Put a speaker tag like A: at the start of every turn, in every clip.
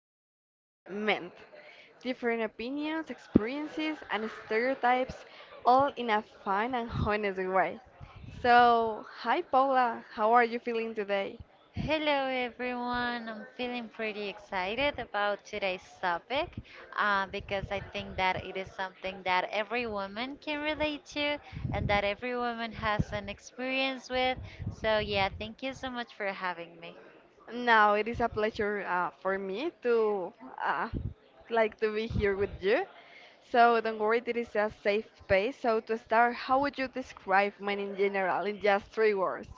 A: about men. Different opinions, experiences, and stereotypes, all in a fun and honest way. So, hi Paula, how are you feeling today?
B: Hello everyone, I'm feeling pretty excited about today's topic because I think that it is something that every woman can relate to and that every woman has an experience with. So, yeah, thank you so much for having me.
A: Now, it is a pleasure for me to uh, like to be here with you. So, don't worry, it is a safe space. So, to start, how would you describe men in general in just three words?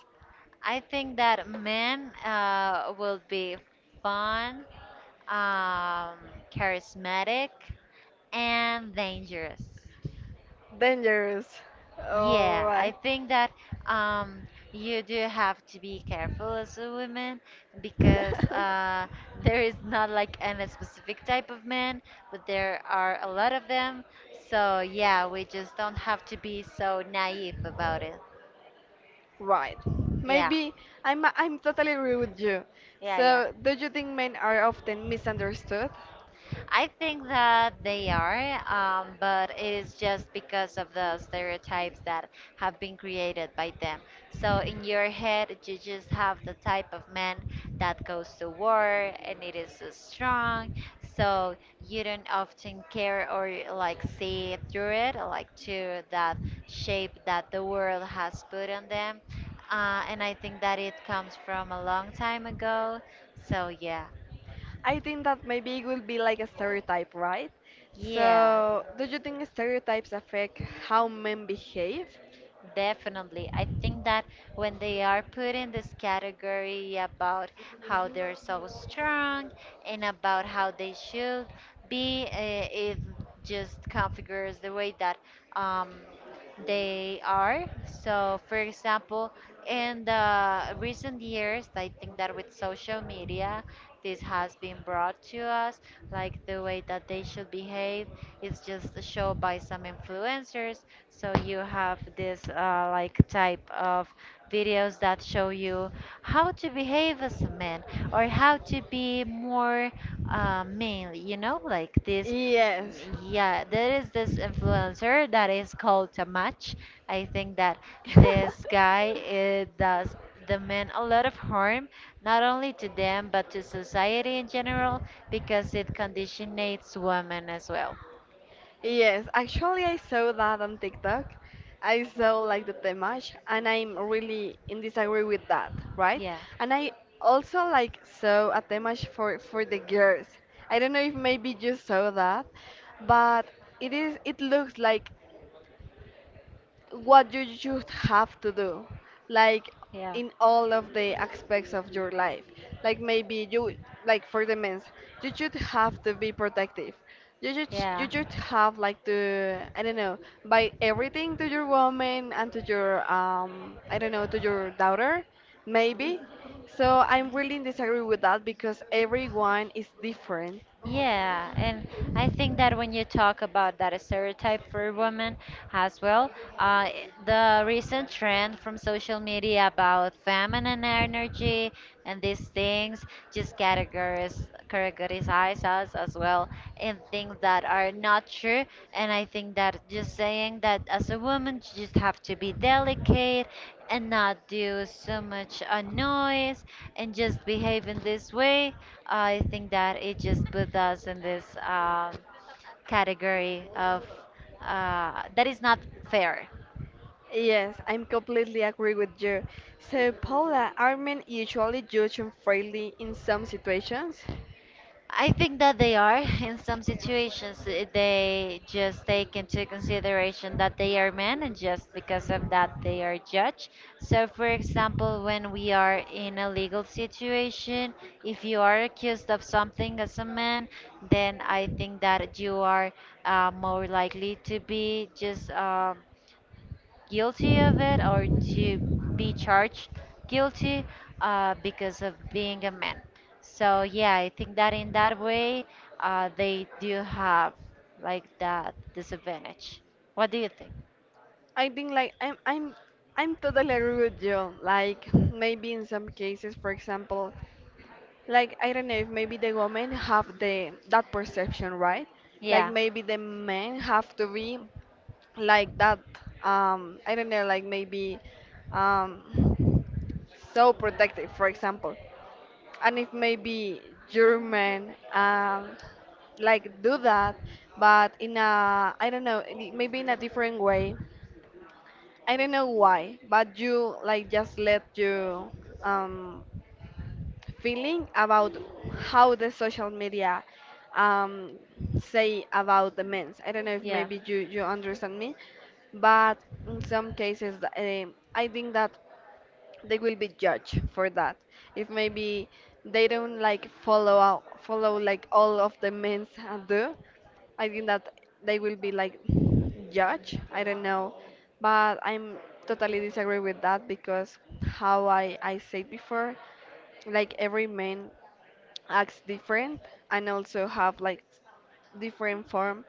B: I think that men will be fun, um, charismatic, and dangerous.
A: Dangerous.
B: Yeah, I
A: Alright.
B: think that um, you do have to be careful as a woman because there is not like a specific type of man, but there are a lot of them. So, yeah, we just don't have to be so naive about it.
A: Right.
B: Yeah,
A: Maybe I'm totally agree with you.
B: yeah, yeah.
A: So, do you think men are often misunderstood?
B: I think that they are, but it is just because of the stereotypes that have been created by them. So in your head, you just have the type of man that goes to war and it is so strong. So you don't often care or like see through it, like to that shape that the world has put on them. And I think that it comes from a long time ago. So yeah,
A: I think that maybe it will be like a stereotype, right?
B: yeah.
A: So, do you think stereotypes affect how men behave?
B: Definitely. I think that when they are put in this category about how they're so strong and about how they should be, it just configures the way that um, they are. So, for example, in the recent years, I think that with social media, this has been brought to us, like the way that they should behave is just shown by some influencers. So you have this like type of videos that show you how to behave as a man or how to be more male, you know, like this.
A: Yes.
B: Yeah, there is this influencer that is called Tamach. I think that this guy does that meant a lot of harm, not only to them, but to society in general, because it conditionates women as well.
A: Yes, actually, I saw that on TikTok. I saw like the temach, and I'm really in disagree with that, right?
B: Yeah,
A: And I also like saw a temach for the girls. I don't know if maybe you saw that, but it looks like what you should have to do, like
B: yeah.
A: in all of the aspects of your life, like maybe you, like for the men's, you should have to be protective, you should you
B: Yeah.
A: should have like to, I don't know, buy everything to your woman and to your, I don't know, to your daughter maybe. So I'm really in disagree with that because everyone is different.
B: Yeah, and I think that when you talk about that stereotype for women as well, uh, the recent trend from social media about feminine energy and these things just categories categorize us as well in things that are not true. And I think that just saying that as a woman, you just have to be delicate and not do so much noise and just behave in this way, I think that it just puts us in this category of that is not fair.
A: Yes, I'm completely agree with you. So, Paula, are men usually judged unfairly in some situations?
B: I think that they are. In some situations, they just take into consideration that they are men, and just because of that, they are judged. So, for example, when we are in a legal situation, if you are accused of something as a man, then I think that you are more likely to be just, guilty of it or to be charged guilty because of being a man. So yeah, I think that in that way they do have like that disadvantage. What do you think?
A: I think like I'm totally agree with you. Like maybe in some cases, for example, like I don't know if maybe the women have the that perception, right? Like
B: Yeah,
A: maybe the men have to be like that. I don't know, like maybe um so protective, for example. And it may be German and like do that, but in a I don't know, maybe in a different way. I don't know why, but you like just let you, um, feeling about how the social media, um, say about the men's. I don't know if
B: yeah,
A: maybe you understand me, but in some cases, I think that they will be judged for that if maybe they don't like follow like all of the men's do. I think that they will be like judged, I don't know, but I'm totally disagree with that because how I said before, like every man acts different and also have like different form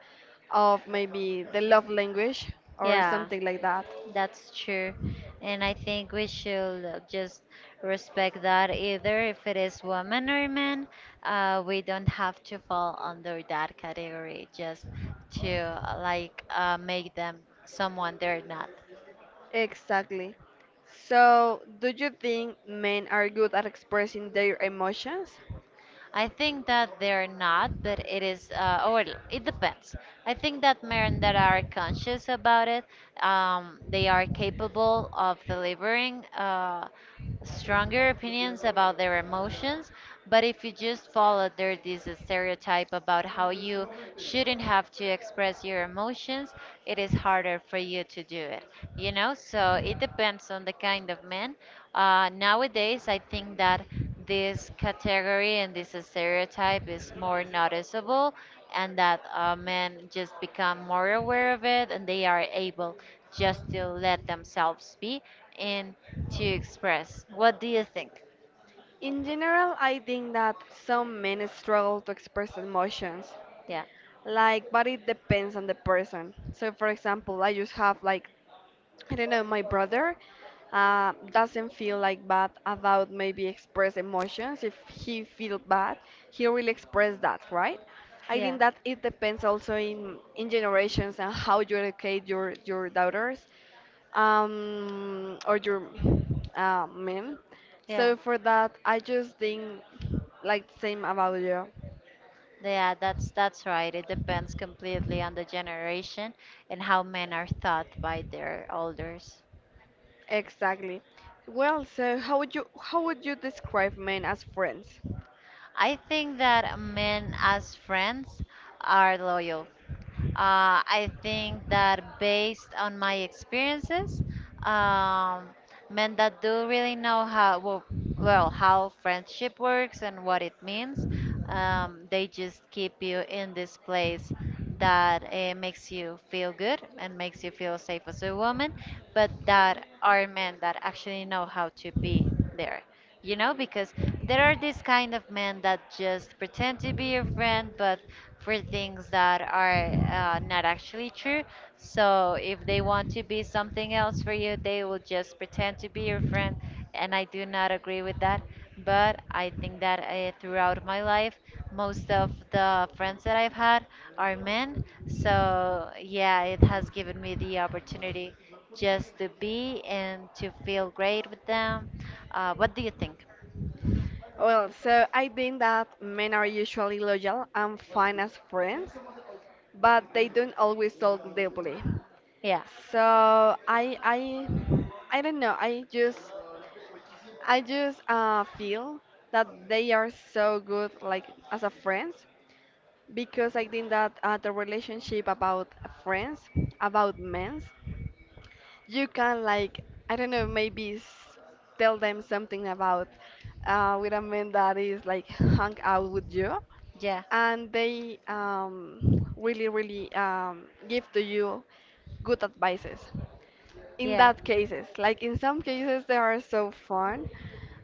A: of maybe the love language or
B: yeah.
A: something like that.
B: That's true. And I think we should just respect that either if it is woman or man. We don't have to fall under that category just to like make them someone they're not.
A: Exactly. So, do you think men are good at expressing their emotions?
B: I think that they're not, but it is, or it depends. I think that men that are conscious about it, they are capable of delivering stronger opinions about their emotions. But if you just follow there this stereotype about how you shouldn't have to express your emotions, it is harder for you to do it. You know, so it depends on the kind of man. Nowadays, I think that this category and this stereotype is more noticeable and that men just become more aware of it and they are able just to let themselves be and to express what do you think
A: In general, I think that some men struggle to express emotions,
B: yeah
A: like, but it depends on the person. So, for example, I just have like, I don't know, my brother doesn't feel like bad about maybe express emotions. If he feel bad, he will express that, right? I
B: yeah
A: think that it depends also in generations and how you educate your daughters, or your men.
B: yeah
A: So for that, I just think like the same about you.
B: yeah that's right it depends completely on the generation and how men are thought by their elders
A: Exactly. Well, so how would you describe men as friends?
B: I think that men as friends are loyal I think that based on my experiences, um, men that do really know how well how friendship works and what it means, they just keep you in this place that makes you feel good and makes you feel safe as a woman, but that are men that actually know how to be there you know because there are these kind of men that just pretend to be your friend but for things that are not actually true so if they want to be something else for you they will just pretend to be your friend and I do not agree with that but I think that throughout my life most of the friends that I've had are men so yeah it has given me the opportunity just to be and to feel great with them. What do you think?
A: Well, so I think that men are usually loyal and fine as friends, but they don't always talk deeply.
B: Yeah,
A: So I I I don't know. I just feel that they are so good like as a friends because I think that the relationship about friends about men, you can like, I don't know, maybe tell them something about, with a man that is like hung out with you,
B: yeah,
A: and they, really really, give to you good advices in
B: yeah,
A: that cases, like in some cases they are so fun,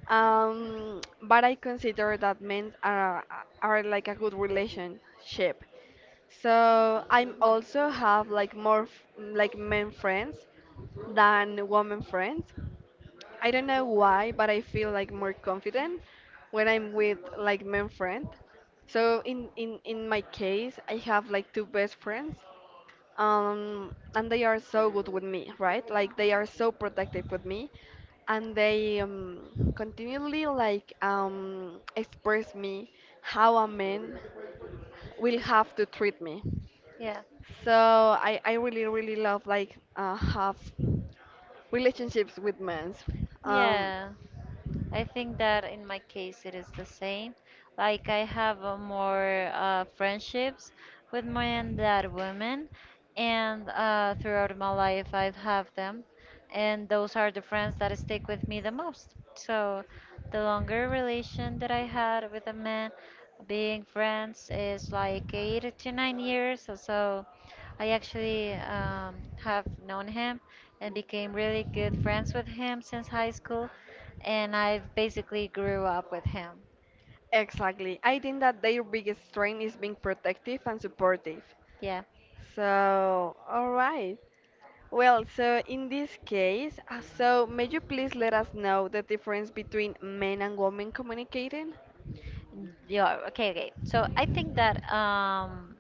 A: but I consider that men are like a good relationship. So I'm also have like more like men friends than women friends. I don't know why, but I feel like more confident when I'm with like men friend. So in my case, I have like two best friends. And they are so good with me, right? Like they are so protective with me, and they, continually like express me how a man will have to treat me.
B: yeah,
A: So I really really love like have relationships with men. Um
B: yeah. I think that in my case it is the same. Like I have more friendships with men than women, and throughout my life I've have them, and those are the friends that stick with me the most. So the longer relation that I had with a man, being friends is like 8 to 9 years. So I actually have known him and became really good friends with him since high school and I basically grew up with him.
A: Exactly. I think that their biggest strength is being protective and supportive.
B: Yeah.
A: So, all right. Well, so in this case, so may you please let us know the difference between men and women communicating?
B: Yeah, okay, okay. So I think that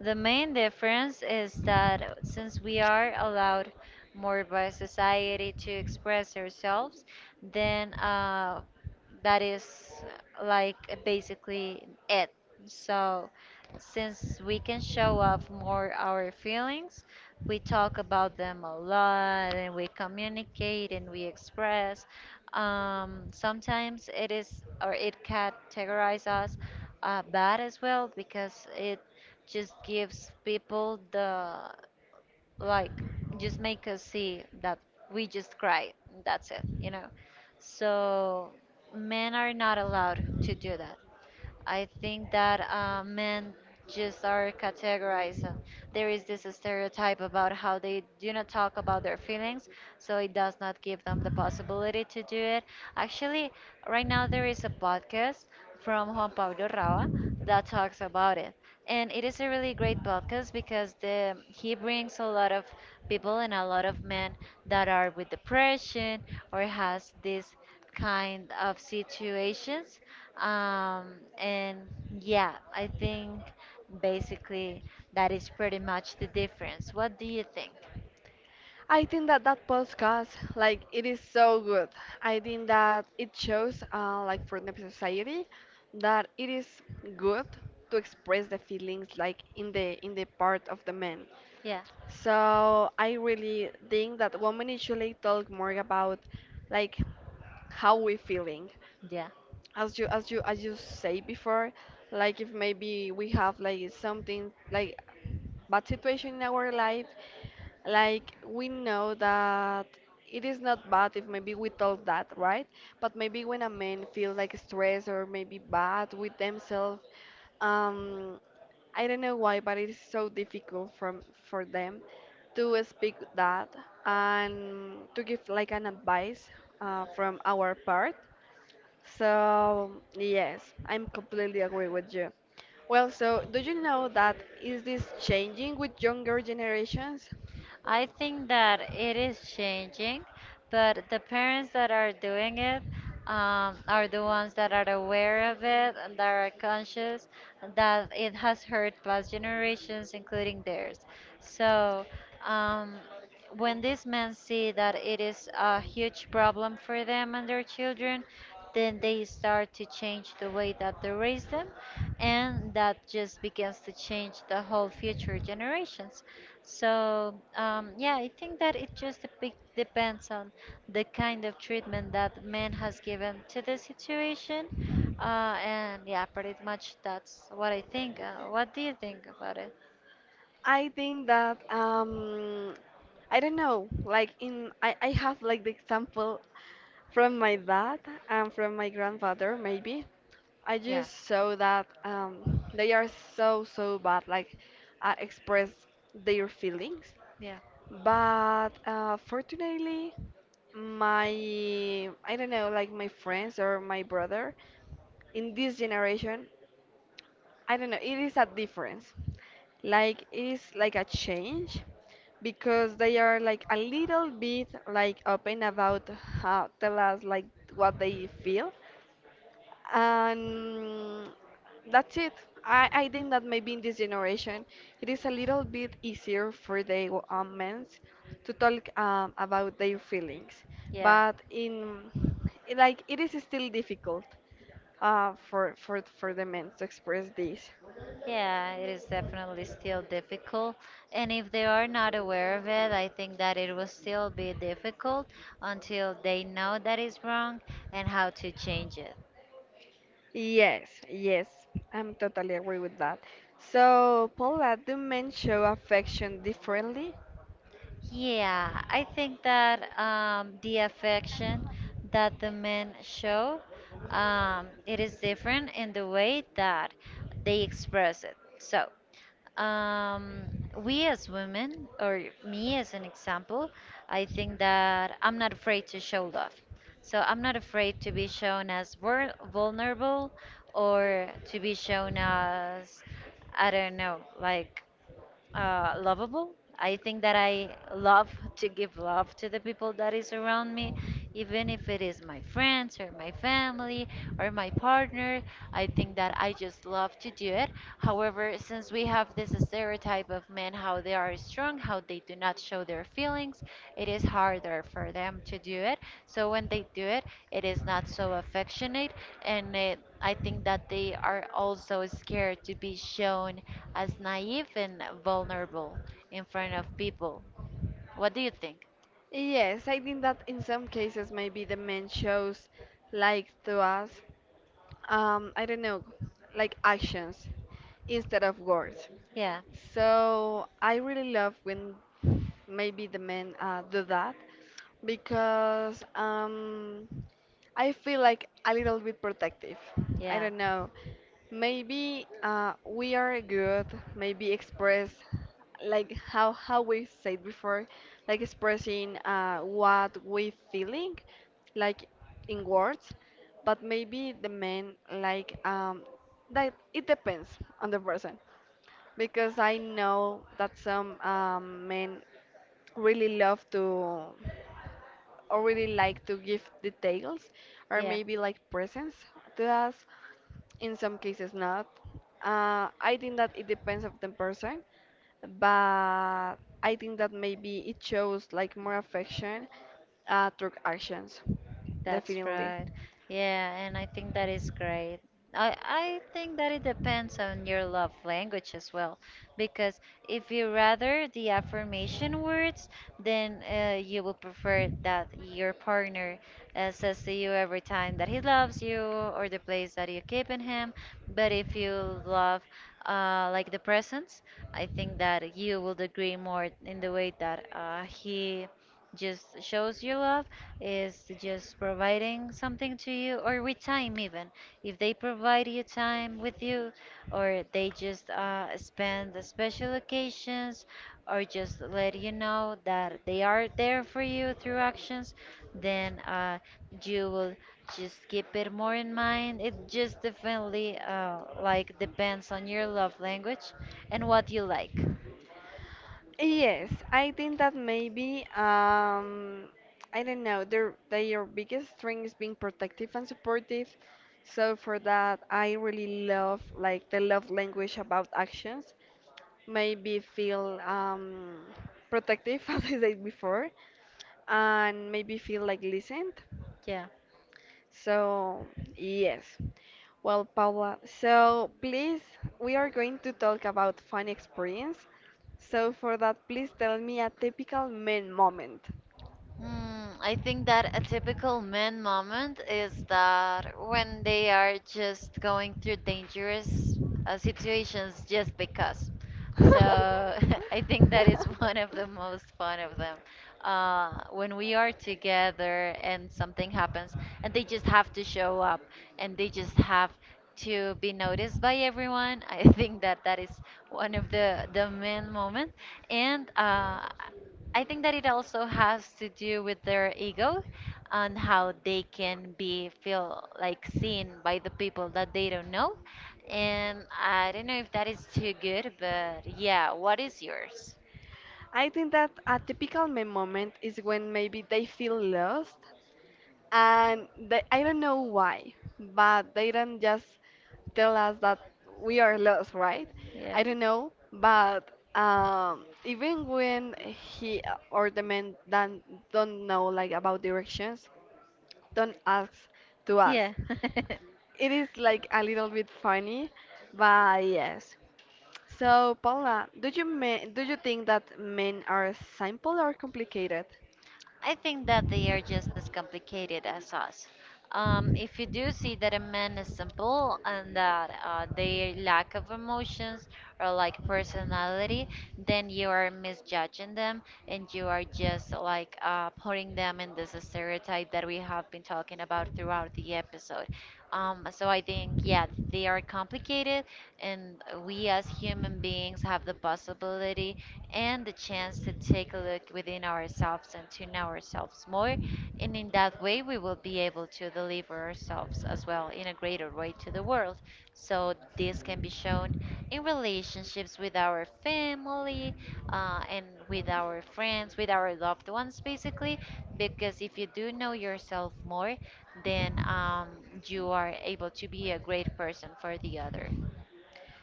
B: the main difference is that since we are allowed more by society to express ourselves, then that is like basically it. So, since we can show off more our feelings, we talk about them a lot and we communicate and we express. Sometimes it is or it categorize us bad as well because it just gives people the like just make us see that we just cry. That's it, you know. So men are not allowed to do that. I think that men just are categorized. And there is this stereotype about how they do not talk about their feelings, so it does not give them the possibility to do it. Actually, right now there is a podcast from Juan Pablo Rao that talks about it, and it is a really great podcast because the he brings a lot of people and a lot of men that are with depression or has this kind of situations. Um, and yeah, I think basically that is pretty much the difference. What do you think?
A: I think that that podcast, like, it is so good. I think that it shows, like, for the society, that it is good to express the feelings, like, in the part of the men.
B: Yeah,
A: So I really think that women usually talk more about like how we feeling,
B: yeah.
A: as you say before, like if maybe we have like something like bad situation in our life, like we know that it is not bad if maybe we told that, right? But maybe when a man feel like stressed or maybe bad with themselves, um I don't know why, but it is so difficult from for them to speak that and to give like an advice, from our part. So, yes, I'm completely agree with you. Well, so do you know that is this changing with younger generations?
B: I think that it is changing, but the parents that are doing it are the ones that are aware of it and that are conscious that it has hurt past generations, including theirs. So, um, when these men see that it is a huge problem for them and their children, then they start to change the way that they raise them, and that just begins to change the whole future generations. So, yeah, I think that it just depends on the kind of treatment that man has given to the situation. And yeah, pretty much that's what I think. What do you think about it?
A: I think that I don't know, like in I have like the example from my dad and from my grandfather maybe. I
B: Yeah.
A: just saw that they are so so bad like, express their feelings.
B: Yeah.
A: But fortunately, my I don't know, like my friends or my brother in this generation, I don't know, it is a difference. Like it is like a change because they are like a little bit like open about how tell us like what they feel, and that's it. I think that maybe in this generation it is a little bit easier for the, men to talk about their feelings,
B: Yeah.
A: but in like it is still difficult, for the men to express this.
B: Yeah, it is definitely still difficult. And if they are not aware of it, I think that it will still be difficult until they know that it's wrong and how to change it.
A: Yes, yes, I'm totally agree with that. So, Paula, do men show affection differently?
B: Yeah, I think that the affection that the men show, it is different in the way that they express it. So, um, we as women, or me as an example, I think that I'm not afraid to show love. So I'm not afraid to be shown as vulnerable or to be shown as, I don't know, like lovable. I think that I love to give love to the people that is around me, even if it is my friends or my family or my partner. I think that I just love to do it. However, since we have this stereotype of men, how they are strong, how they do not show their feelings, it is harder for them to do it. So when they do it, it is not so affectionate, and it, I think that they are also scared to be shown as naive and vulnerable in front of people. What do you think?
A: Yes, I think that in some cases maybe the men shows like to us, I don't know, like actions instead of words.
B: Yeah,
A: So I really love when maybe the men do that because, I feel like a little bit protective. I
B: yeah,
A: don't know. Maybe, we are good. Maybe express like how we said before, like expressing, what we feeling, like in words. But maybe the men like, that. It depends on the person because I know that some, men really love to really like to give details or
B: yeah.
A: maybe like presents to us. In some cases, not. I think that it depends of the person, but I think that maybe it shows like more affection, through actions,
B: That's
A: definitely.
B: right. Yeah, and I think that is great. I think that it depends on your love language as well, because if you rather the affirmation words, then you will prefer that your partner says to you every time that he loves you or the place that you keep in him. But if you love like the presence, I think that you will agree more in the way that he just shows you love is just providing something to you, or with time, even if they provide you time with you, or they just spend the special occasions, or just let you know that they are there for you through actions, then you will just keep it more in mind. It just definitely like depends on your love language and what you like,
A: Yes, I think that maybe I don't know, their biggest strength is being protective and supportive. So for that, I really love like the love language about actions. Maybe feel protective as I said before, and maybe feel like listened.
B: yeah.
A: So, yes. Well, Paula, so please, we are going to talk about fun experience. So for that, please tell me a typical man moment.
B: Hmm, I think that a typical man moment is that when they are just going through dangerous situations just because. So, I think that is one of the most fun of them. When we are together and something happens, and they just have to show up and they just have to be noticed by everyone, I think that that is one of the main moment. And I think that it also has to do with their ego and how they can be feel like seen by the people that they don't know. And I don't know if that is too good, but yeah, what is yours?
A: I think that a typical man moment is when maybe they feel lost and they, I don't know why, but they don't just tell us that we are lost, right? I don't know, but, even when he or the men don't know like about directions, don't ask to
B: Ask
A: us.
B: Yeah.
A: It is like a little bit funny, but yes. So Paula, do you think that men are simple or complicated?
B: I think that they are just as complicated as us. If you do see that a man is simple and that they lack of emotions or like personality, then you are misjudging them and you are just like putting them in this stereotype that we have been talking about throughout the episode. So I think, yeah, they are complicated, and we as human beings have the possibility and the chance to take a look within ourselves and to know ourselves more. And in that way, we will be able to deliver ourselves as well in a greater way to the world. So this can be shown in relationships with our family and with our friends, with our loved ones, basically, because if you do know yourself more, then you are able to be a great person for the other.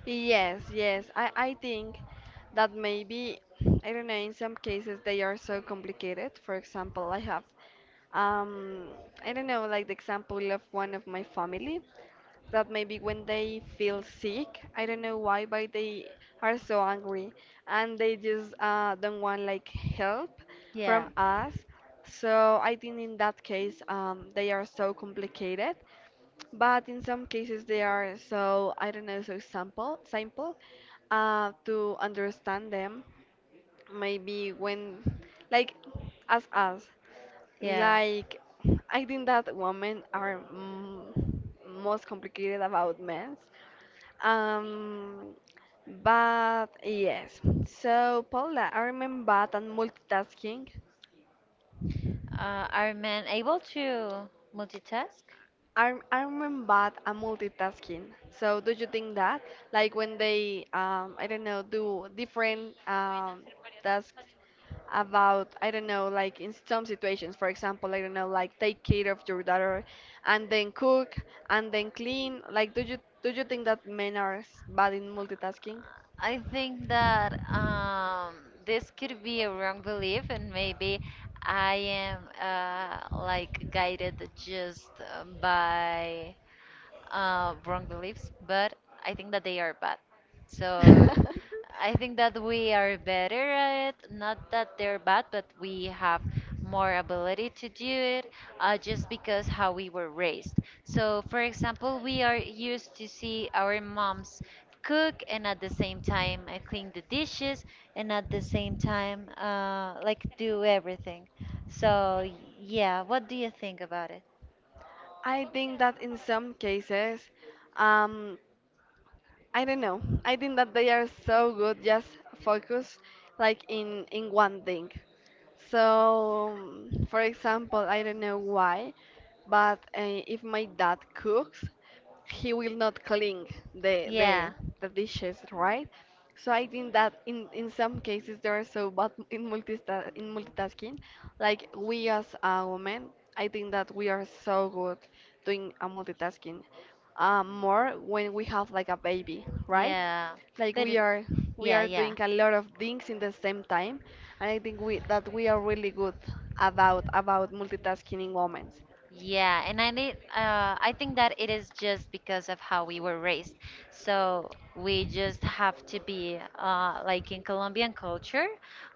A: Yes, yes. I think that maybe, I don't know, in some cases they are so complicated. For example, I have, um, I don't know, like the example of one of my family that maybe when they feel sick, I don't know why, but they are so angry and they just, don't want like help
B: Yeah.
A: from us. So I think in that case, they are so complicated, but in some cases they are so, I don't know, so simple to understand them maybe when like as us,
B: Yeah.
A: like I think that women are, most complicated about men, um but yes. So Paula, I remember that multitasking,
B: Are men able to multitask?
A: I'm bad at multitasking. So do you think that, like when they, I don't know, do different, tasks about, I don't know, like in some situations, for example, I don't know, like take care of your daughter, and then cook, and then clean. Like, do you think that men are bad in multitasking?
B: I think that this could be a wrong belief, and maybe I am like guided just by wrong beliefs, but I think that they are bad. So I think that we are better at it. Not that they're bad, but we have more ability to do it just because how we were raised. So, for example, we are used to see our moms cook and at the same time clean the dishes and at the same time like do everything. So, yeah, what do you think about it?
A: I think that in some cases, um, I don't know. I think that they are so good just focus like in one thing. So, for example, I don't know why, but if my dad cooks, he will not clean the the
B: Yeah,
A: the dishes, right? So I think that in some cases they are so bad in multista in multitasking. Like we as a woman, I think that we are so good doing a multitasking more when we have like a baby, right?
B: yeah.
A: Like
B: But
A: we
B: it,
A: are we
B: yeah,
A: are
B: yeah.
A: doing a lot of things in the same time, and I think we that we are really good about multitasking in women.
B: Yeah, and I need, I think that it is just because of how we were raised. So we just have to be, like in Colombian culture,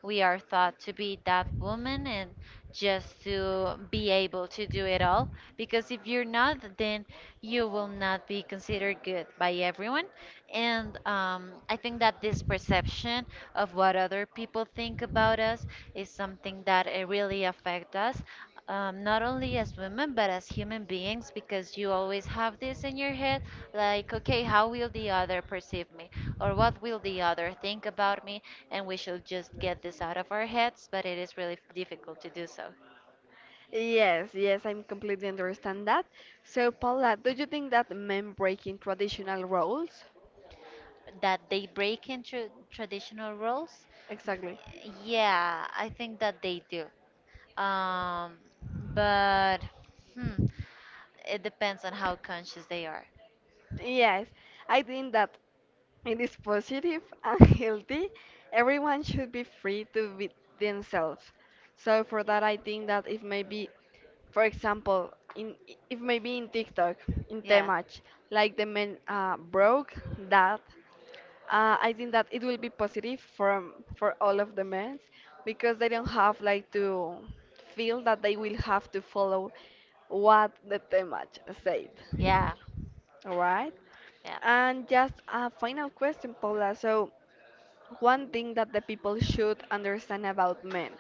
B: we are thought to be that woman and just to be able to do it all. Because if you're not, then you will not be considered good by everyone. And I think that this perception of what other people think about us is something that it really affects us, not only as women but as human beings, because you always have this in your head, like, okay, how will the other perceive me, or what will the other think about me? And we should just get this out of our heads, but it is really difficult to do so.
A: Yes, yes, I'm completely understand that. So Paula, do you think that men breaking traditional roles?
B: That they break into traditional roles?
A: Exactly.
B: Yeah, I think that they do. um, but, hmm, it depends on how conscious they are.
A: Yes, I think that it is positive and healthy. Everyone should be free to be themselves. So for that, I think that if maybe, for example, in if maybe in TikTok, in
B: Yeah.
A: Temach, like the men broke that, I think that it will be positive for all of the men because they don't have like to feel that they will have to follow what the Temach said.
B: Yeah.
A: All right.
B: Yeah.
A: And just a final question, Paula. So, one thing that the people should understand about men.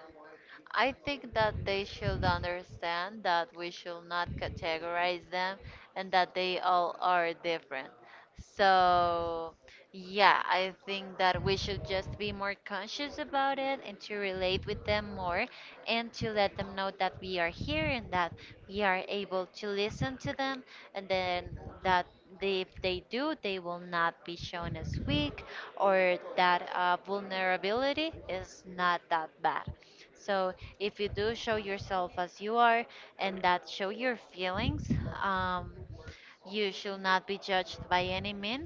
B: I think that they should understand that we should not categorize them and that they all are different. So, yeah, I think that we should just be more conscious about it and to relate with them more and to let them know that we are here and that we are able to listen to them, and then that they, if they do, they will not be shown as weak, or that vulnerability is not that bad. So if you do show yourself as you are and that show your feelings, um, you should not be judged by any mean.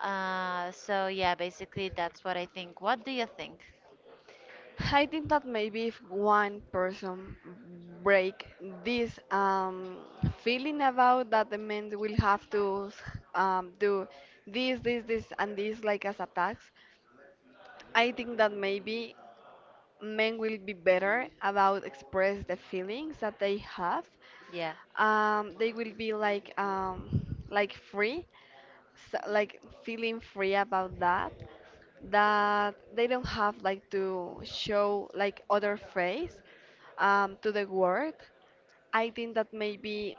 B: So yeah, basically that's what I think. What do you think?
A: I think that maybe if one person break this feeling about that the men will have to do this, this, this, and this like as a tax, I think that maybe men will be better about express the feelings that they have
B: Yeah,
A: they will be like free so, like feeling free about that that they don't have like to show like other face to the world. I think that maybe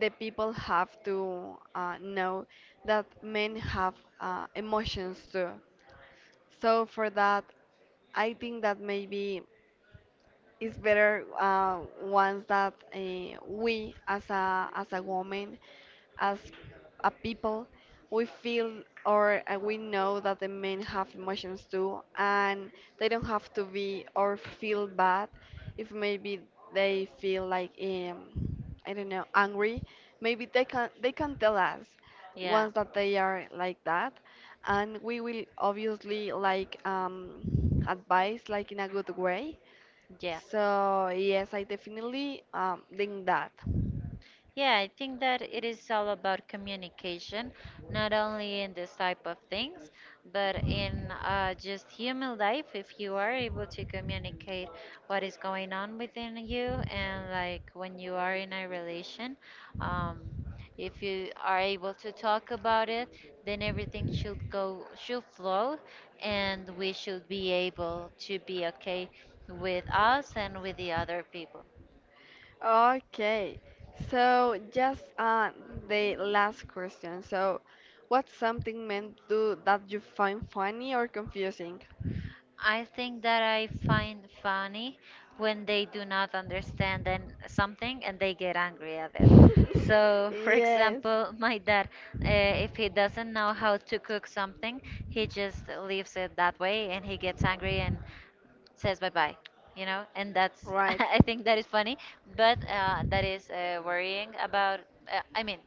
A: the people have to know that men have emotions too. So for that I think that maybe it's better ones that we as a woman, as a people, we feel or we know that the men have emotions too, and they don't have to be or feel bad if maybe they feel like I don't know, angry. Maybe they can tell us
B: yeah,
A: once that they are like that, and we will obviously like advise like in a good way.
B: yeah.
A: So, yes, I definitely think that.
B: Yeah, I think that it is all about communication, not only in this type of things, but in just human life. If you are able to communicate what is going on within you, and like when you are in a relation, um, if you are able to talk about it, then everything should go, should flow, and we should be able to be okay with us and with the other people.
A: Okay, so just the last question. So, what's something meant to that you find funny or confusing?
B: I think that I find funny when they do not understand something and they get angry at it. So, for
A: Yes.
B: example, my dad, if he doesn't know how to cook something, he just leaves it that way and he gets angry and says bye bye, you know? And that's,
A: Right.
B: I think that is funny, but that is worrying about, I mean,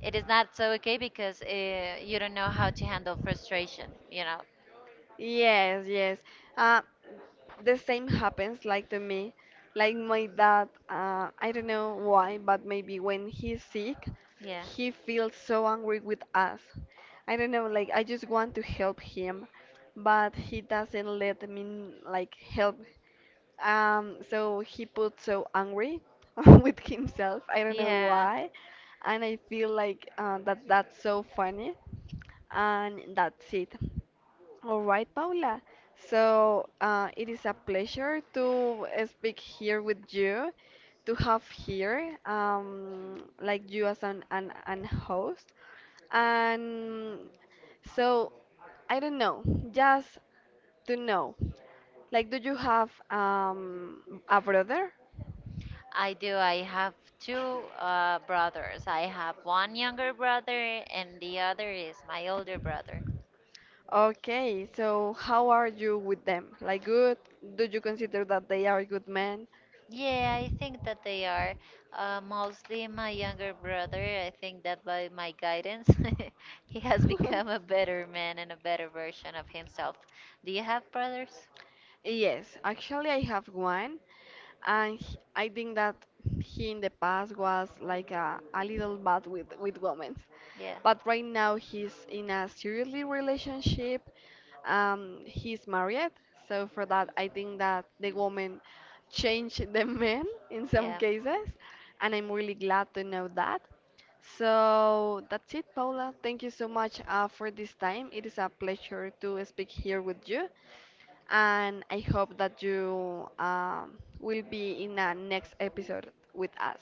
B: it is not so okay because you don't know how to handle frustration, you know?
A: Yes, yes. Uh, the same happens like to me, like my dad, I don't know why, but maybe when he's sick
B: Yeah.
A: he feels so angry with us. I don't know, like I just want to help him but he doesn't let me like help. So he puts so angry with himself, I don't know
B: Yeah.
A: why. And I feel like that that's so funny. And that's it, all right, Paula. So it is a pleasure to speak here with you, to have here like you as an host. And so I don't know, just to know, like do you have a brother?
B: I do. I have two brothers. I have one younger brother, and the other is my older brother.
A: Okay, so how are you with them? Like good? Do you consider that they are good men?
B: Yeah, I think that they are mostly my younger brother. I think that by my guidance, he has become a better man and a better version of himself. Do you have brothers?
A: Yes, actually I have one. And he- I think that he in the past was like a little bad with women. But right now he's in a seriously relationship. He's married. So for that, I think that the woman changed the men in
B: Yeah.
A: some
B: Yeah.
A: cases. And I'm really glad to know that. So that's it, Paula. Thank you so much for this time. It is a pleasure to speak here with you and I hope that you will be in a next episode with us.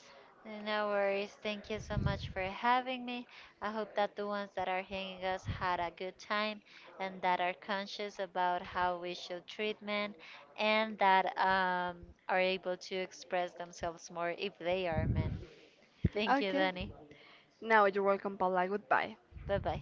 B: No worries. Thank you so much for having me. I hope that the ones that are hearing us had a good time and that are conscious about how we should treat men and that are able to express themselves more if they are men. Thank you,
A: Okay.
B: Danny.
A: Now you're welcome, Paula. Goodbye.
B: Bye bye.